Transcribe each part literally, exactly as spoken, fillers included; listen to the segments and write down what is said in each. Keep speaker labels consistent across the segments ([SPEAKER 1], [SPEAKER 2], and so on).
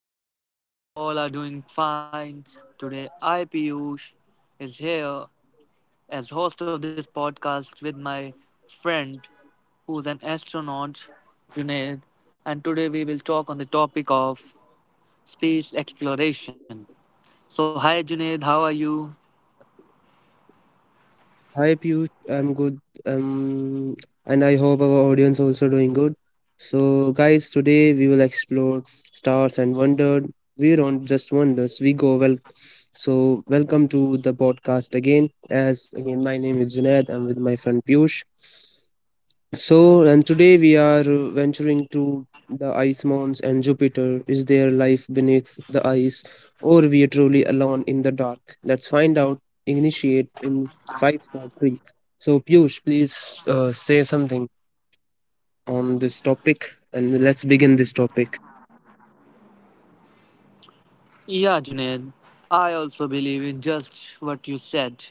[SPEAKER 1] guys, I hope you all are doing fine. Today, I, Piyush, is here as host of this podcast with my friend who's an astronaut, Junaid, and today we will talk on the topic of space exploration. So, hi Junaid, how are you?
[SPEAKER 2] Hi Piyush, I'm good. Um, and I hope our audience also doing good. So, guys, today we will explore stars and wonder. We don't just wonders, we go well. So, welcome to the podcast again. As again, my name is Junaid. I'm with my friend Piyush. So, and today we are uh, venturing to the ice mounds and Jupiter. Is there life beneath the ice, or we are truly alone in the dark? Let's find out. Initiate in five, four, three. So, Piyush, please uh, say something on this topic, and let's begin this topic.
[SPEAKER 1] Yeah, Junaid, I also believe in just what you said.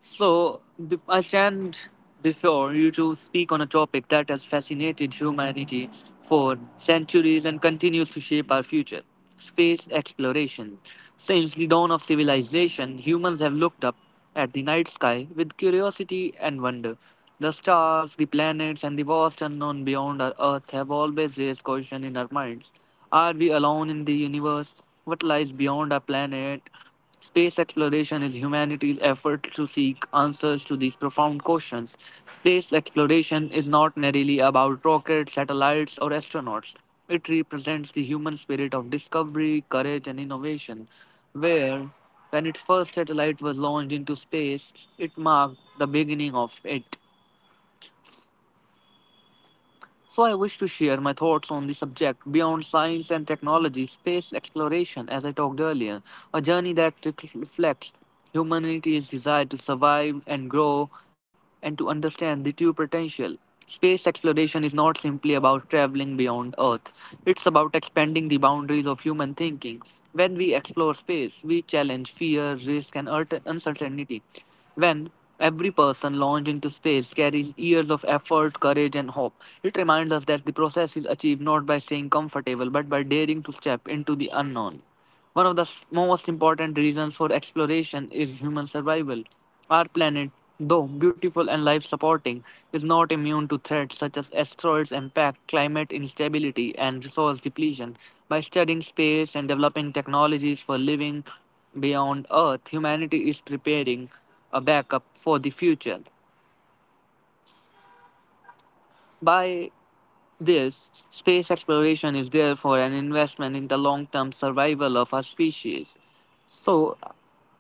[SPEAKER 1] So, b- I stand before you to speak on a topic that has fascinated humanity for centuries and continues to shape our future space exploration. Since the dawn of civilization, humans have looked up at the night sky with curiosity and wonder. The stars, the planets, and the vast unknown beyond our Earth have always raised question in our minds. Are we alone in the universe? What lies beyond our planet? Space exploration is humanity's effort to seek answers to these profound questions. Space exploration is not merely about rockets, satellites, or astronauts. It represents the human spirit of discovery, courage, and innovation. Where, when its first satellite was launched into space, it marked the beginning of it. So, I wish to share my thoughts on the subject beyond science and technology, space exploration, as I talked earlier, a journey that rec- reflects humanity's desire to survive and grow and to understand the true potential. Space exploration is not simply about traveling beyond Earth, it's about expanding the boundaries of human thinking. When we explore space, we challenge fear, risk, and ult- uncertainty. When every person launched into space carries years of effort, courage, and hope, it reminds us that the process is achieved not by staying comfortable but by daring to step into the unknown. One of the s- most important reasons for exploration is human survival. Our planet, though beautiful and life supporting, is not immune to threats such as asteroids impact, climate instability, and resource depletion. By studying space and developing technologies for living beyond Earth, humanity is preparing a backup for the future. By this, space exploration is therefore an investment in the long term survival of our species. So,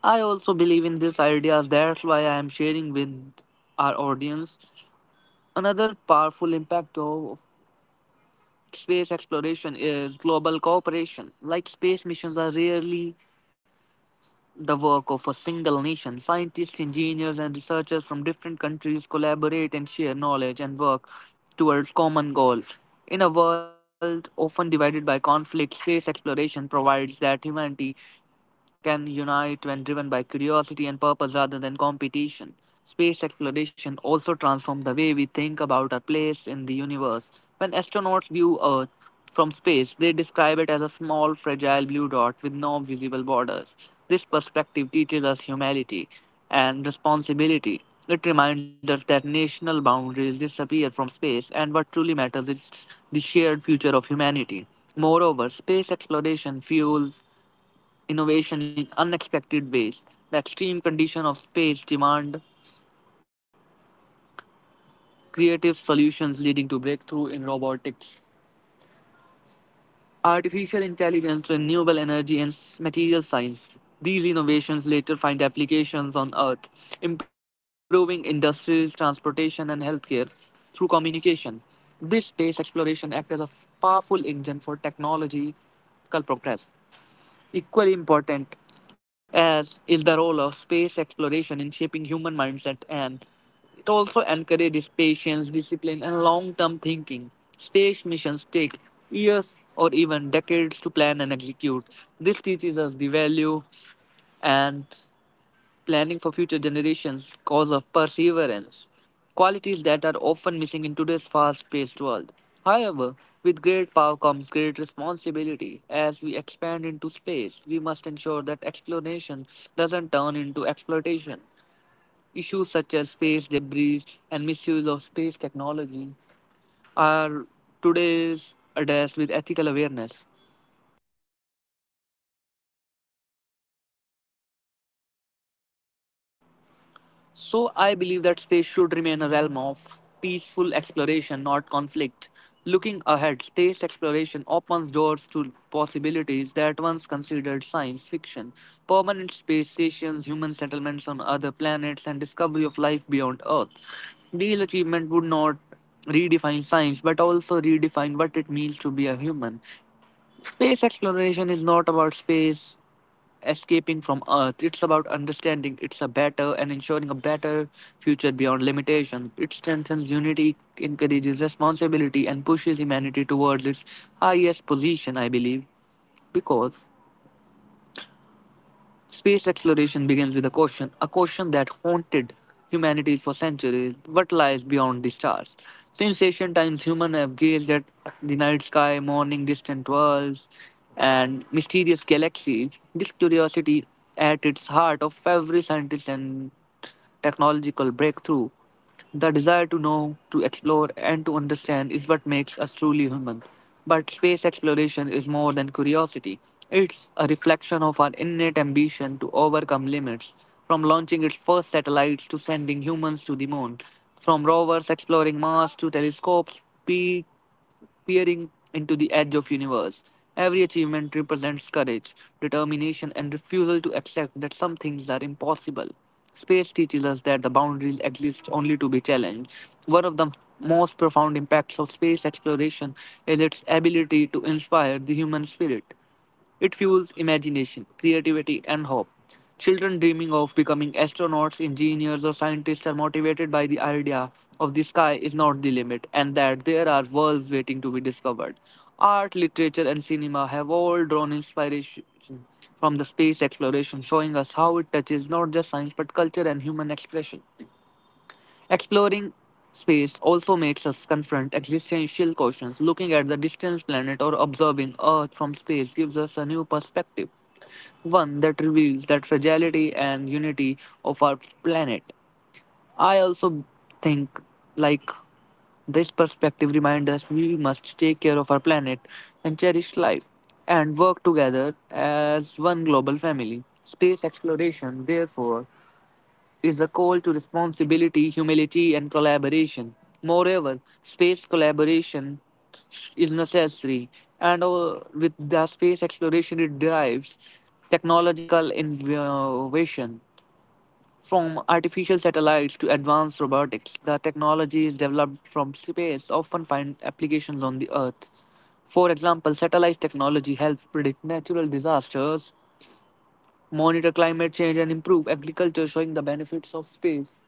[SPEAKER 1] I also believe in these ideas, that's why I am sharing with our audience. Another powerful impact of space exploration is global cooperation. Like space missions are rarely the work of a single nation. Scientists, engineers, and researchers from different countries collaborate and share knowledge and work towards common goal. In a world often divided by conflict, space exploration provides that humanity can unite when driven by curiosity and purpose rather than competition. Space exploration also transforms the way we think about our place in the universe. When astronauts view Earth from space, they describe it as a small, fragile blue dot with no visible borders. This perspective teaches us humility and responsibility. It reminds us that national boundaries disappear from space and what truly matters is the shared future of humanity. Moreover, space exploration fuels innovation in unexpected ways. The extreme condition of space demand creative solutions leading to breakthrough in robotics, artificial intelligence, renewable energy, and s- material science. These innovations later find applications on Earth, improving industries, transportation, and healthcare through communication. This space exploration acts as a powerful engine for technological progress. Equally important as is the role of space exploration in shaping human mindset, and it also encourages patience, discipline, and long term thinking. Space missions take years or even decades to plan and execute. This teaches us the value and planning for future generations, cause of perseverance, qualities that are often missing in today's fast paced world. However, with great power comes great responsibility. As we expand into space, we must ensure that exploration doesn't turn into exploitation. Issues such as space debris and misuse of space technology are today's addressed with ethical awareness. So I believe that space should remain a realm of peaceful exploration, not conflict. Looking ahead, space exploration opens doors to possibilities that once considered science fiction. Permanent space stations, human settlements on other planets, and discovery of life beyond Earth. These achievements would not redefine science but also redefine what it means to be a human. Space exploration is not about space escaping from Earth. It's about understanding it's a better and ensuring a better future beyond limitation. It strengthens unity, encourages responsibility, and pushes humanity towards its highest position, I believe, because space exploration begins with a question, a question that haunted humanity for centuries. What lies beyond the stars? Since ancient times, humans have gazed at the night sky, morning, distant worlds, and mysterious galaxies. This curiosity at its heart of every scientist and technological breakthrough, the desire to know, to explore, and to understand is what makes us truly human. But space exploration is more than curiosity. It's a reflection of our innate ambition to overcome limits. From launching its first satellites to sending humans to the moon, from rovers exploring Mars to telescopes, peering into the edge of universe. Every achievement represents courage, determination, and refusal to accept that some things are impossible. Space teaches us that the boundaries exist only to be challenged. One of the most profound impacts of space exploration is its ability to inspire the human spirit. It fuels imagination, creativity, and hope. Children dreaming of becoming astronauts, engineers, or scientists are motivated by the idea of the sky is not the limit and that there are worlds waiting to be discovered. Art, literature, and cinema have all drawn inspiration from the space exploration, showing us how it touches not just science but culture and human expression. Exploring space also makes us confront existential questions. Looking at the distant planet or observing Earth from space gives us a new perspective, one that reveals that fragility and unity of our planet. I also think like this perspective reminds us we must take care of our planet and cherish life and work together as one global family. Space exploration, therefore, is a call to responsibility, humility, and collaboration. Moreover, space collaboration is necessary, and uh, with the space exploration, it drives technological innovation. From artificial satellites to advanced robotics, the technologies developed from space often find applications on the Earth. For example, satellite technology helps predict natural disasters, monitor climate change, and improve agriculture, showing the benefits of space.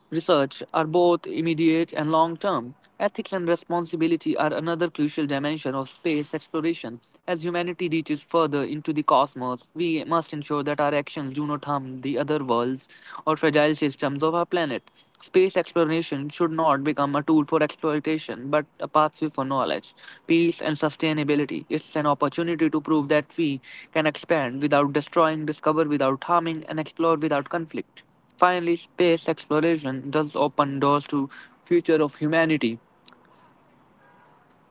[SPEAKER 1] Research are both immediate and long term. Ethics and responsibility are another crucial dimension of space exploration. As humanity reaches further into the cosmos, we must ensure that our actions do not harm the other worlds or fragile systems of our planet. Space exploration should not become a tool for exploitation, but a pathway for knowledge, peace, and sustainability. It's an opportunity to prove that we can expand without destroying, discover without harming, and explore without conflict. Finally, space exploration does open doors to future of humanity.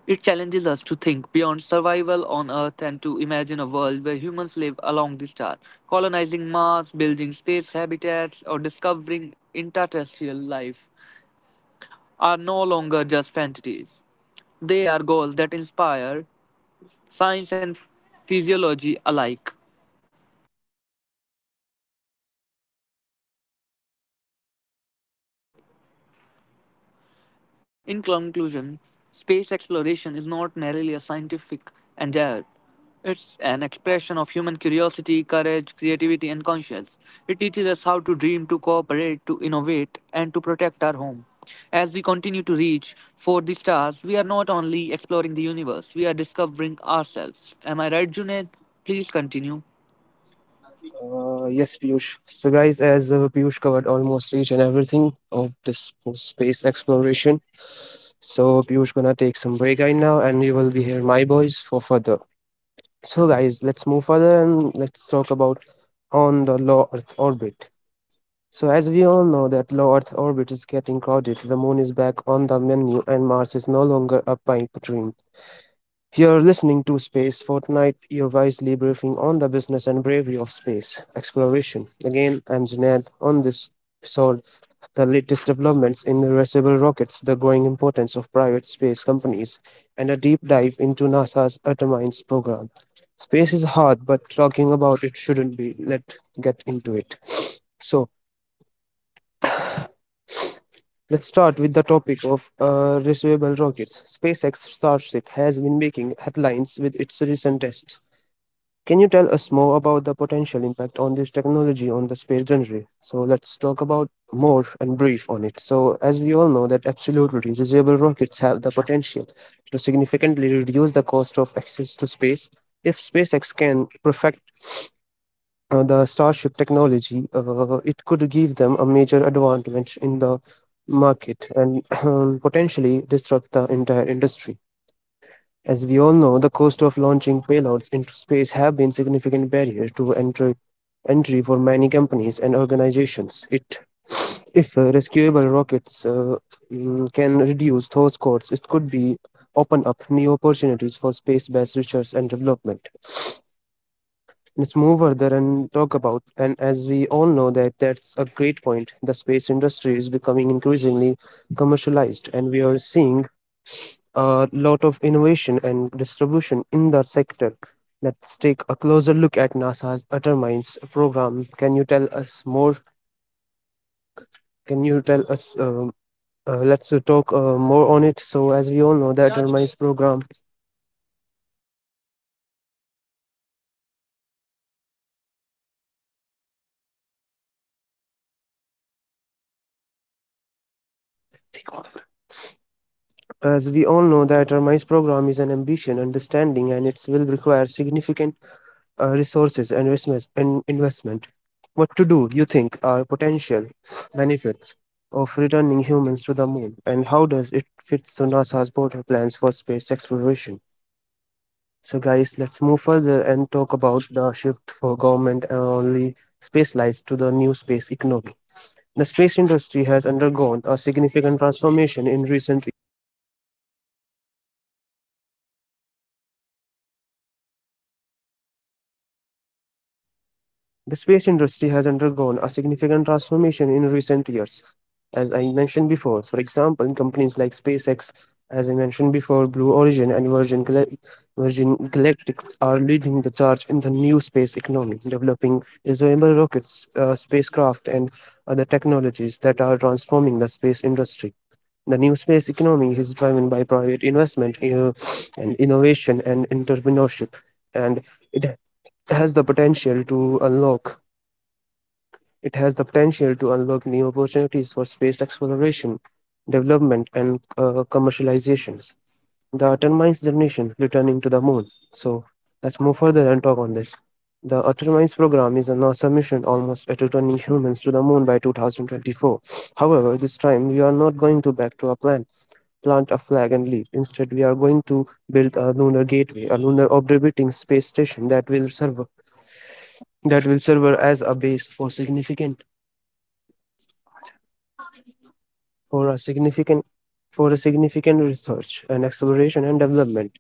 [SPEAKER 1] It challenges us to think beyond survival on Earth and to imagine a world where humans live along the star, colonizing Mars, building space habitats, or discovering interterrestrial life are no longer just fantasies. They are goals that inspire science and physiology alike. In conclusion, space exploration is not merely a scientific endeavor. It's an expression of human curiosity, courage, creativity, and conscience. It teaches us how to dream, to cooperate, to innovate, and to protect our home. As we continue to reach for the stars, we are not only exploring the universe, we are discovering ourselves. Am I right, Junaid? Please continue.
[SPEAKER 2] Uh, yes, Piyush. So, guys, as uh, Piyush covered almost each and everything of this space exploration, so Piyush gonna take some break right now, and you will be here, my boys, for further. So, guys, let's move further and let's talk about on the low Earth orbit. So, as we all know, that low Earth orbit is getting crowded. The moon is back on the menu, and Mars is no longer a pipe dream. You're listening to Space Fortnite, your wisely briefing on the business and bravery of space exploration. Again, I'm Junaid on this episode the latest developments in reusable rockets, the growing importance of private space companies, and a deep dive into NASA's Artemis program. Space is hard, but talking about it shouldn't be. Let's get into it. So, let's start with the topic of uh, reusable rockets. SpaceX Starship has been making headlines with its recent test. Can you tell us more about the potential impact on this technology on the space journey? So let's talk about more and brief on it. So as we all know that absolutely reusable rockets have the potential to significantly reduce the cost of access to space. If SpaceX can perfect uh, the Starship technology, uh, it could give them a major advantage in the market and potentially disrupt the entire industry. As we all know, the cost of launching payloads into space have been a significant barrier to entry, entry for many companies and organizations. It, if uh, rescuable rockets uh, mm, can reduce those costs, it could be open up new opportunities for space-based research and development. Let's move further and talk about, and as we all know that that's a great point. The space industry is becoming increasingly commercialized, and we are seeing a lot of innovation and distribution in the sector. Let's take a closer look at NASA's Determines program. Can you tell us more? Can you tell us? Um, uh, let's uh, talk uh, more on it. So, as we all know, the Determines
[SPEAKER 1] Yeah,
[SPEAKER 2] program
[SPEAKER 1] Junaid.
[SPEAKER 2] as we all know, the Determines program is an ambition, understanding, and it will require significant uh, resources and investments and investment what to do you think are potential benefits of returning humans to the moon, and how does it fit to NASA's broader plans for space exploration? So, guys, let's move further and talk about the shift for government and only space flights to the new space economy. The space industry has undergone a significant transformation in recent The space industry has undergone a significant transformation in recent years. As I mentioned before, for example, companies like SpaceX, as I mentioned before, Blue Origin and Virgin, Gal- Virgin Galactic are leading the charge in the new space economy, developing reusable rockets, uh, spacecraft, and other technologies that are transforming the space industry. The new space economy is driven by private investment uh, and innovation and entrepreneurship, and it has the potential to unlock it has the potential to unlock new opportunities for space exploration, development, and uh, commercializations. The Utter Minds generation returning to the moon. So let's move further and talk on this. The Utter Minds program is a NASA mission almost at returning humans to the moon by two thousand twenty-four. However, this time we are not going to back to a plan, plant a flag and leave. Instead, we are going to build a lunar gateway, a lunar orbiting space station that will serve that will serve as a base for significant for a significant for a significant research and acceleration and development.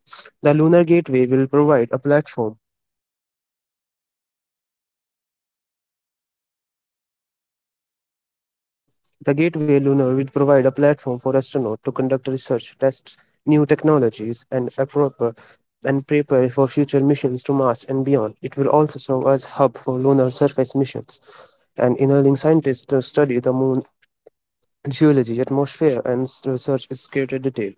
[SPEAKER 2] The lunar gateway will provide a platform. The gateway lunar will provide a platform for astronauts to conduct research, test new technologies, and a proper and prepare for future missions to Mars and beyond. It will also serve as a hub for lunar surface missions and enabling scientists to study the moon geology, atmosphere, and research its greater detail.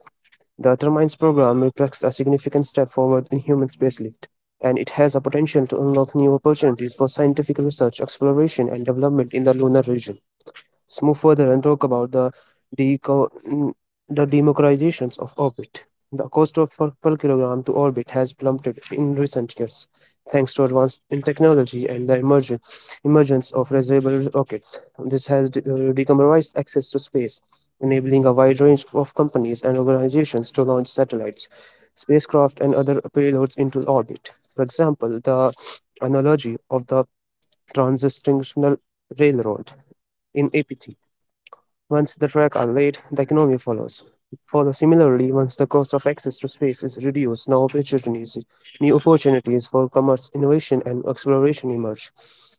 [SPEAKER 2] The Determinds program reflects a significant step forward in human spacelift, and it has a potential to unlock new opportunities for scientific research, exploration, and development in the lunar region. Let's move further and talk about the deco- mm, the democratizations of orbit. The cost of per, kilogram to orbit has plummeted in recent years, thanks to advances in technology and the emergence emergence of reusable rockets. This has de- uh, decompromised access to space, enabling a wide range of companies and organizations to launch satellites, spacecraft, and other payloads into orbit. For example, the analogy of the transcontinental railroad in A P T once the tracks are laid, the economy follows. Follow similarly, once the cost of access to space is reduced, now opportunities, new opportunities for commerce, innovation, and exploration emerge.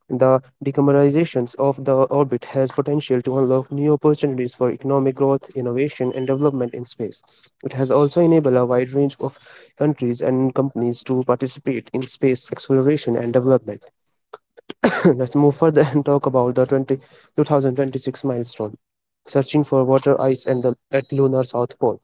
[SPEAKER 2] The decarbonization of the orbit has potential to unlock new opportunities for economic growth, innovation, and development in space. It has also enabled a wide range of countries and companies to participate in space exploration and development. Let's move further and talk about the 20, twenty twenty-six milestone. Searching for water ice and the at lunar south pole.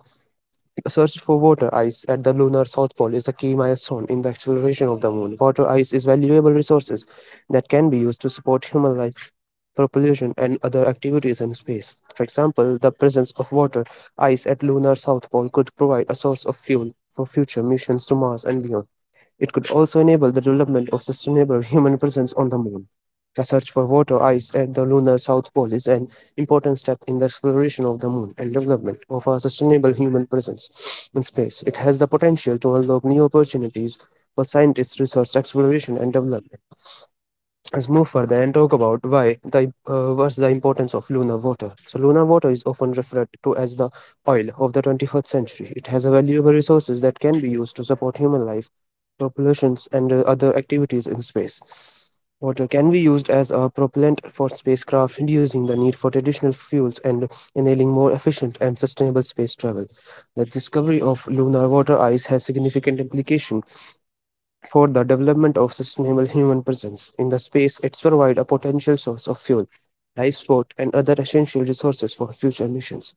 [SPEAKER 2] A search for water ice at the lunar south pole is a key milestone in the exploration of the moon. Water ice is valuable resources that can be used to support human life, propulsion, and other activities in space. For example, the presence of water ice at lunar south pole could provide a source of fuel for future missions to Mars and beyond. It could also enable the development of sustainable human presence on the moon. The search for water ice at the lunar south pole is an important step in the exploration of the moon and development of a sustainable human presence in space. It has the potential to unlock new opportunities for scientists' research, exploration, and development. Let's move further and talk about why the uh, what's the importance of lunar water. So lunar water is often referred to as the oil of the twenty-first century. It has a valuable resources that can be used to support human life, populations, and uh, other activities in space. Water can be used as a propellant for spacecraft, reducing the need for traditional fuels and enabling more efficient and sustainable space travel. The discovery of lunar water ice has significant implication for the development of sustainable human presence in the space, it's provide a potential source of fuel, life support, and other essential resources for future missions.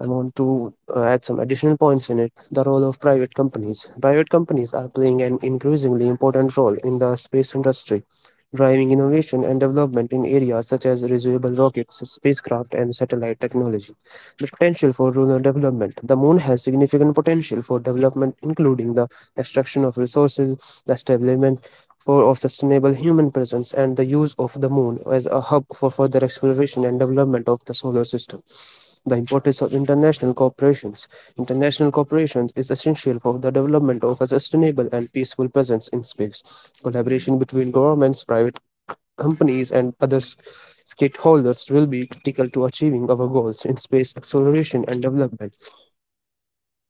[SPEAKER 2] I want to uh, add some additional points in it. The role of private companies. Private companies are playing an increasingly important role in the space industry, driving innovation and development in areas such as reusable rockets, spacecraft, and satellite technology. The potential for rural development. The moon has significant potential for development, including the extraction of resources, the establishment for, of sustainable human presence, and the use of the moon as a hub for further exploration and development of the solar system. The importance of international corporations. International cooperation is essential for the development of a sustainable and peaceful presence in space. Collaboration between governments, private companies, and other stakeholders will be critical to achieving our goals in space exploration and development.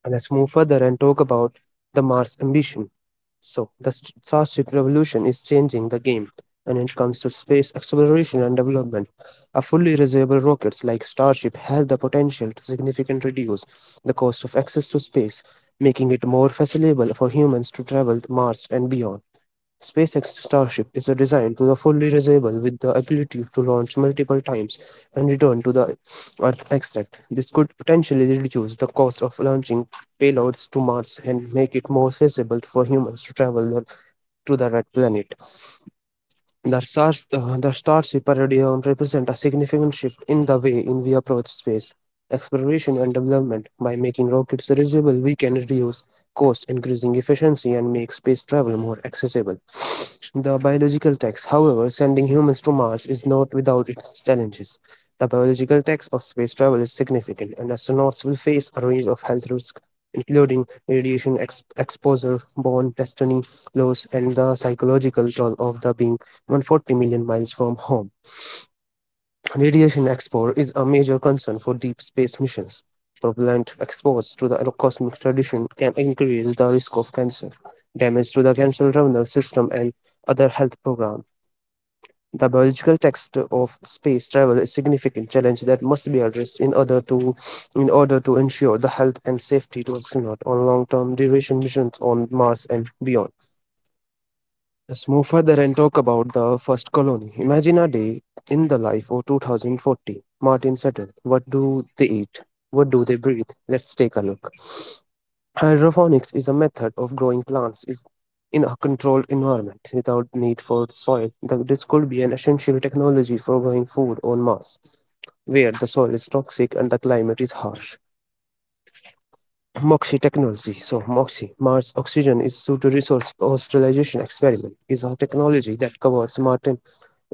[SPEAKER 2] And let's move further and talk about the Mars ambition. So, the st- Starship Revolution is changing the game when it comes to space exploration and development. A fully reusable rocket like Starship has the potential to significantly reduce the cost of access to space, making it more feasible for humans to travel to Mars and beyond. SpaceX Starship is designed to be fully reusable with the ability to launch multiple times and return to the Earth extract. This could potentially reduce the cost of launching payloads to Mars and make it more feasible for humans to travel to the red planet. The stars, uh, the Star Shipper Radio represent a significant shift in the way in we approach space exploration and development. By making rockets reusable, we can reduce cost, increasing efficiency, and make space travel more accessible. The biological tax, however, sending humans to Mars is not without its challenges. The biological tax of space travel is significant, and astronauts will face a range of health risks, including radiation ex- exposure, bone destiny loss, and the psychological toll of the being one hundred forty million miles from home. Radiation exposure is a major concern for deep space missions. Propellant exposed to the cosmic radiation can increase the risk of cancer, damage to the central nervous system, and other health programs. The biological text of space travel is a significant challenge that must be addressed in order to in order to ensure the health and safety to astronauts on long-term duration missions on Mars and beyond. Let's move further and talk about the first colony. Imagine a day in the life of two thousand forty. Martin Settle. What do they eat? What do they breathe? Let's take a look. Hydroponics is a method of growing plants is in a controlled environment without need for soil. This could be an essential technology for growing food on Mars, where the soil is toxic and the climate is harsh. Moxie technology. So, Moxie, Mars Oxygen is Pseudo Resource Australization Experiment, is a technology that covers Martin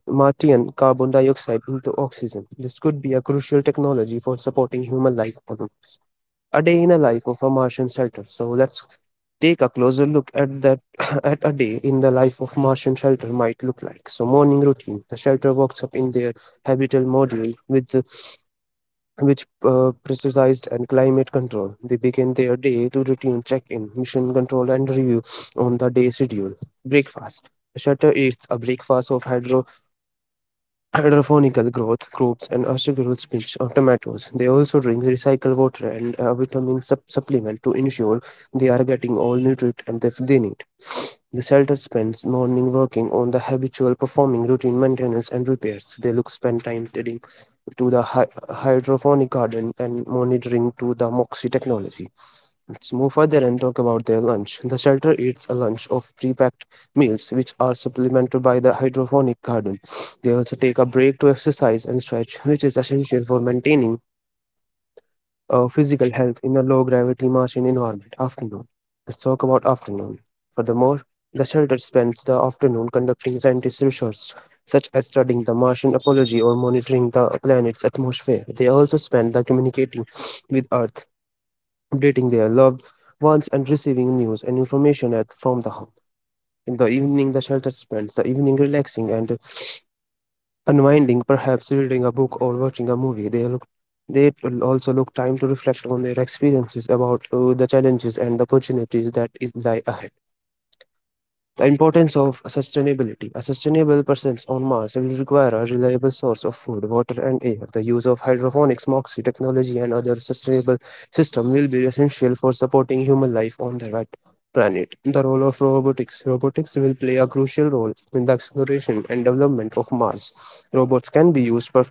[SPEAKER 2] Martian carbon dioxide into oxygen. This could be a crucial technology for supporting human life on Mars. A day in the life of a Martian shelter. So let's take a closer look at that at a day in the life of Martian shelter might look like. So morning routine. The shelter walks up in their habitable module with which uh, precised and climate control. They begin their day to routine check-in, mission control and review on the day schedule. Breakfast. The shelter eats a breakfast of hydro hydroponical growth groups and astroturf pitch of tomatoes. They also drink recycled water and a vitamin sup- supplement to ensure they are getting all nutrients and if they need. The shelter spends morning working on the habitual performing routine maintenance and repairs. They look spend time tending to the hy- hydroponic garden and monitoring to the moxie technology. Let's move further and talk about their lunch. The shelter eats a lunch of pre-packed meals, which are supplemented by the hydroponic garden. They also take a break to exercise and stretch, which is essential for maintaining uh, physical health in a low-gravity martian environment. Afternoon. Let's talk about afternoon. Furthermore, the shelter spends the afternoon conducting scientific research, such as studying the Martian apology or monitoring the planet's atmosphere. They also spend the communicating with Earth updating their loved ones and receiving news and information at, from the home. In the evening, the shelter spends the evening relaxing and unwinding, perhaps reading a book or watching a movie. They look they will also look time to reflect on their experiences about uh, the challenges and the opportunities that is lie ahead. The importance of sustainability. A sustainable presence on Mars will require a reliable source of food, water, and air. The use of hydroponics, MOXIE technology, and other sustainable systems will be essential for supporting human life on the rat- planet. The role of robotics. Robotics will play a crucial role in the exploration and development of Mars. Robots can be used per-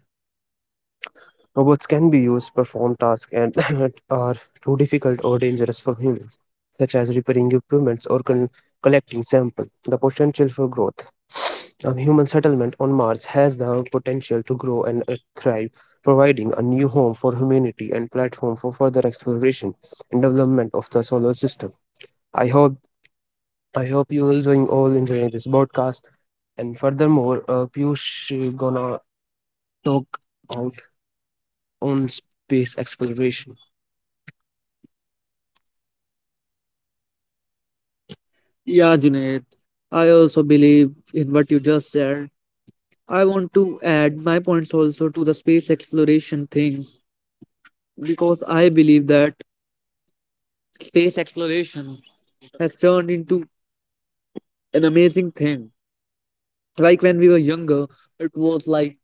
[SPEAKER 2] Robots can be used to perform tasks and that are too difficult or dangerous for humans, such as repairing equipment or con- collecting samples. The potential for growth. A human settlement on Mars has the potential to grow and uh, thrive, providing a new home for humanity and platform for further exploration and development of the solar system. I hope I hope you all enjoying all enjoying this broadcast. And furthermore, uh, Piyush is gonna talk about on space exploration. Yeah, Junaid. I also believe in what you just said. I want to add my points also to the space exploration thing because I believe that space exploration has turned into an amazing thing. Like when we were younger, it was like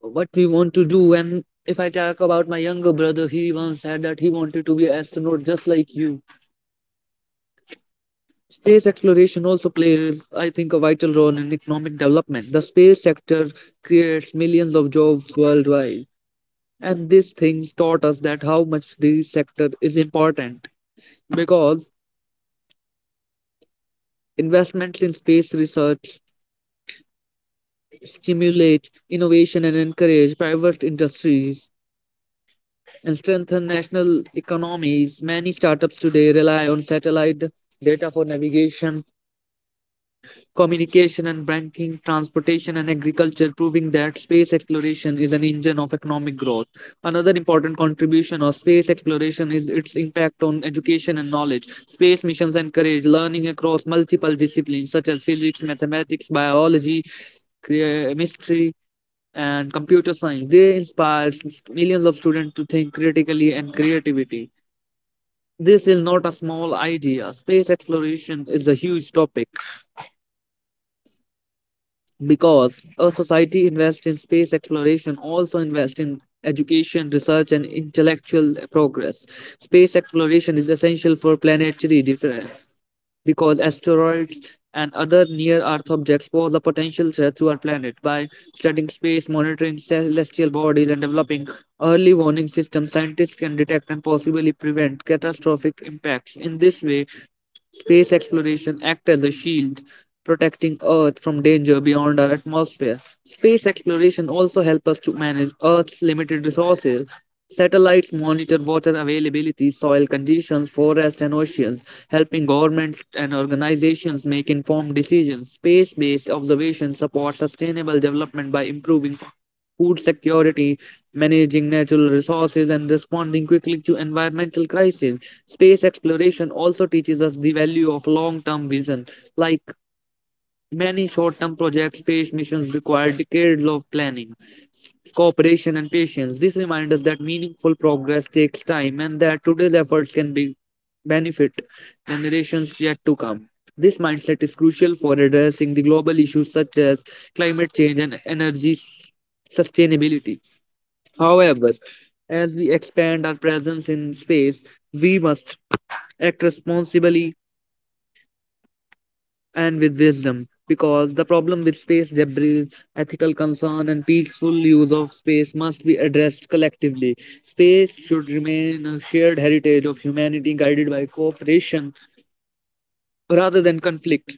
[SPEAKER 2] what we want to do. And if I talk about my younger brother, he once said that he wanted to be an astronaut just like you. Space exploration also plays, I think, a vital role in economic development. The space sector creates millions of jobs worldwide. And these things taught us that how much this sector is important because investments in space research stimulate innovation and encourage private industries and strengthen national economies. Many startups today rely on satellite data for navigation communication and banking, transportation and agriculture, proving that space exploration is an engine of economic growth. Another important contribution of space exploration is its impact on education and knowledge. Space missions encourage learning across multiple disciplines such as physics, mathematics, biology, chemistry, and computer science. They inspire millions of students to think critically and creativity. This is not a small idea. Space exploration is a huge topic because a society invests in space exploration also invests in education research and intellectual progress. Space exploration is essential for planetary defense because asteroids and other near earth objects pose a potential threat to our planet by studying space monitoring celestial bodies and developing early warning systems scientists can detect and possibly prevent catastrophic impacts. In this way, space exploration acts as a shield, protecting Earth from danger beyond our atmosphere. Space exploration also helps us to manage Earth's limited resources. Satellites monitor water availability, soil conditions, forests, and oceans, helping governments and organizations make informed decisions. Space based observation supports sustainable development by improving food security, managing natural resources, and responding quickly to environmental crises. Space exploration also teaches us the value of long term vision. Like many short term projects, space missions require decades of planning, s- cooperation, and patience. This reminds us that meaningful progress takes time and that today's efforts can be benefit generations yet to come. This mindset is crucial for addressing the global issues such as climate change and energy s- sustainability. However, as we expand our presence in space, we must act responsibly and with wisdom because the problem with space debris, ethical concern and peaceful use of space must be addressed collectively. Space should remain a shared heritage of humanity guided by cooperation rather than conflict.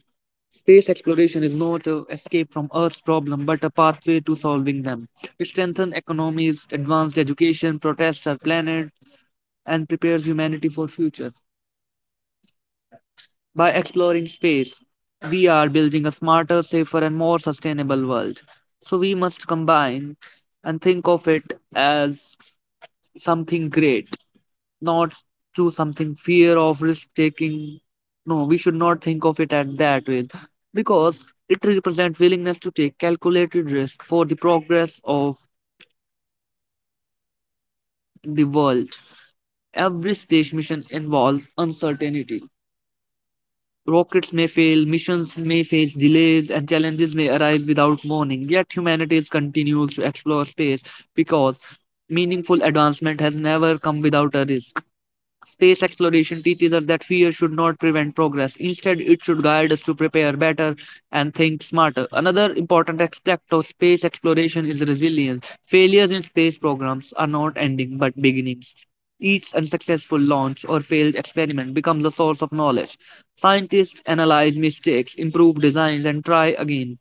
[SPEAKER 2] Space exploration is not an escape from Earth's problem, but a pathway to solving them. It strengthens economies, advanced education, protects our planet, and prepares humanity for future. By exploring space, we are building a smarter, safer, and more sustainable world. So we must combine and think of it as something great, not to something fear of risk taking. No, we should not think of it at that way because it represents willingness to take calculated risk for the progress of the world. Every space mission involves uncertainty. Rockets may fail, missions may face delays, and challenges may arise without warning. Yet humanity continues to explore space because meaningful advancement has never come without a risk. Space exploration teaches us that fear should not prevent progress. Instead, it should guide us to prepare better and think smarter. Another important aspect of space exploration is resilience. Failures in space programs are not ending but beginnings. Each unsuccessful launch or failed experiment becomes a source of knowledge. Scientists analyze mistakes, improve designs, and try again.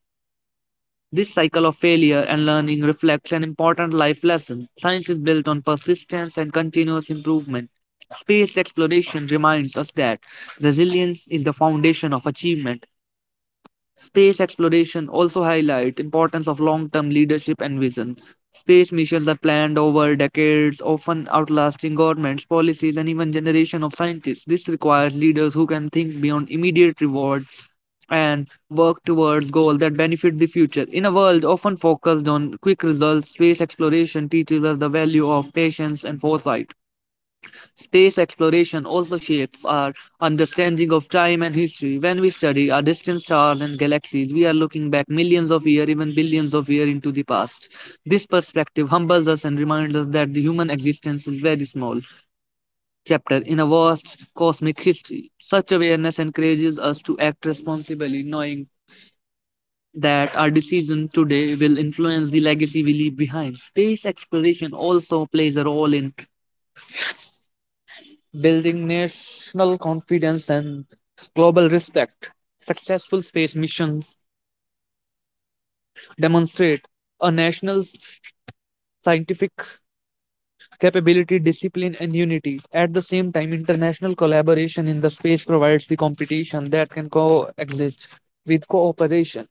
[SPEAKER 2] This cycle of failure and learning reflects an important life lesson. Science is built on persistence and continuous improvement. Space exploration reminds us that resilience is the foundation of achievement. Space exploration also highlights importance of long-term leadership and vision. Space missions are planned over decades, often outlasting governments, policies, and even generation of scientists. This requires leaders who can think beyond immediate rewards and work towards goals that benefit the future. In a world often focused on quick results, space exploration teaches us the value of patience and foresight. Space exploration also shapes our understanding of time and history. When we study our distant stars and galaxies, we are looking back millions of years, even billions of years into the past. This perspective humbles us and reminds us that the human existence is very small chapter in a vast cosmic history. Such awareness encourages us to act responsibly, knowing that our decision today will influence the legacy we leave behind. Space exploration also plays a role in building national confidence and global respect. Successful space missions demonstrate a national scientific capability, discipline, and unity. At the same time, international collaboration in the space provides the competition that can coexist with cooperation.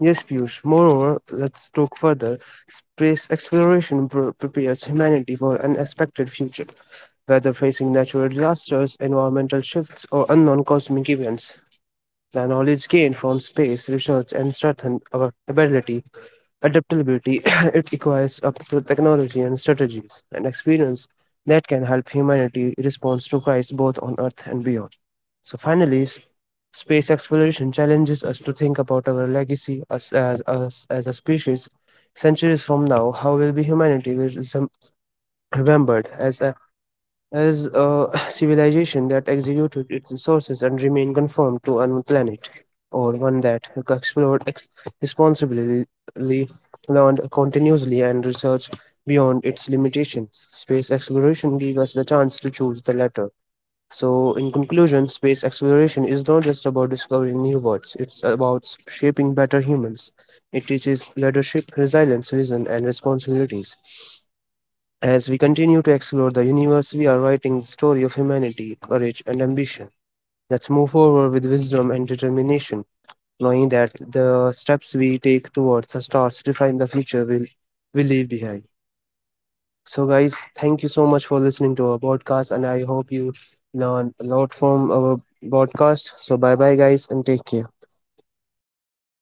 [SPEAKER 2] Yes, Piyush. Moreover, let's talk further. Space exploration pr- prepares humanity for an expected future, whether facing natural disasters, environmental shifts, or unknown cosmic events. The knowledge gained from space research and strengthened our ability, adaptability. It requires up to technology and strategies and experience that can help humanity respond to crises both on Earth and beyond. So finally, space exploration challenges us to think about our legacy as as us as a species. Centuries from now, how will be humanity will resem- remembered as a as a civilization that executed its resources and remained conformed to a planet? Or one that explored ex- responsibly, learned continuously, and researched beyond its limitations. Space exploration gave us the chance to choose the latter. So, in conclusion, space exploration is not just about discovering new worlds, it's about shaping better humans. It teaches leadership, resilience, vision, and responsibilities. As we continue to explore the universe, we are writing the story of humanity, courage, and ambition. Let's move forward with wisdom and determination knowing that the steps we take towards the stars define the future we'll, we leave behind. So, guys, thank you so much for listening to our podcast, and I hope you learn a lot from our podcast. So, bye bye, guys, and take care.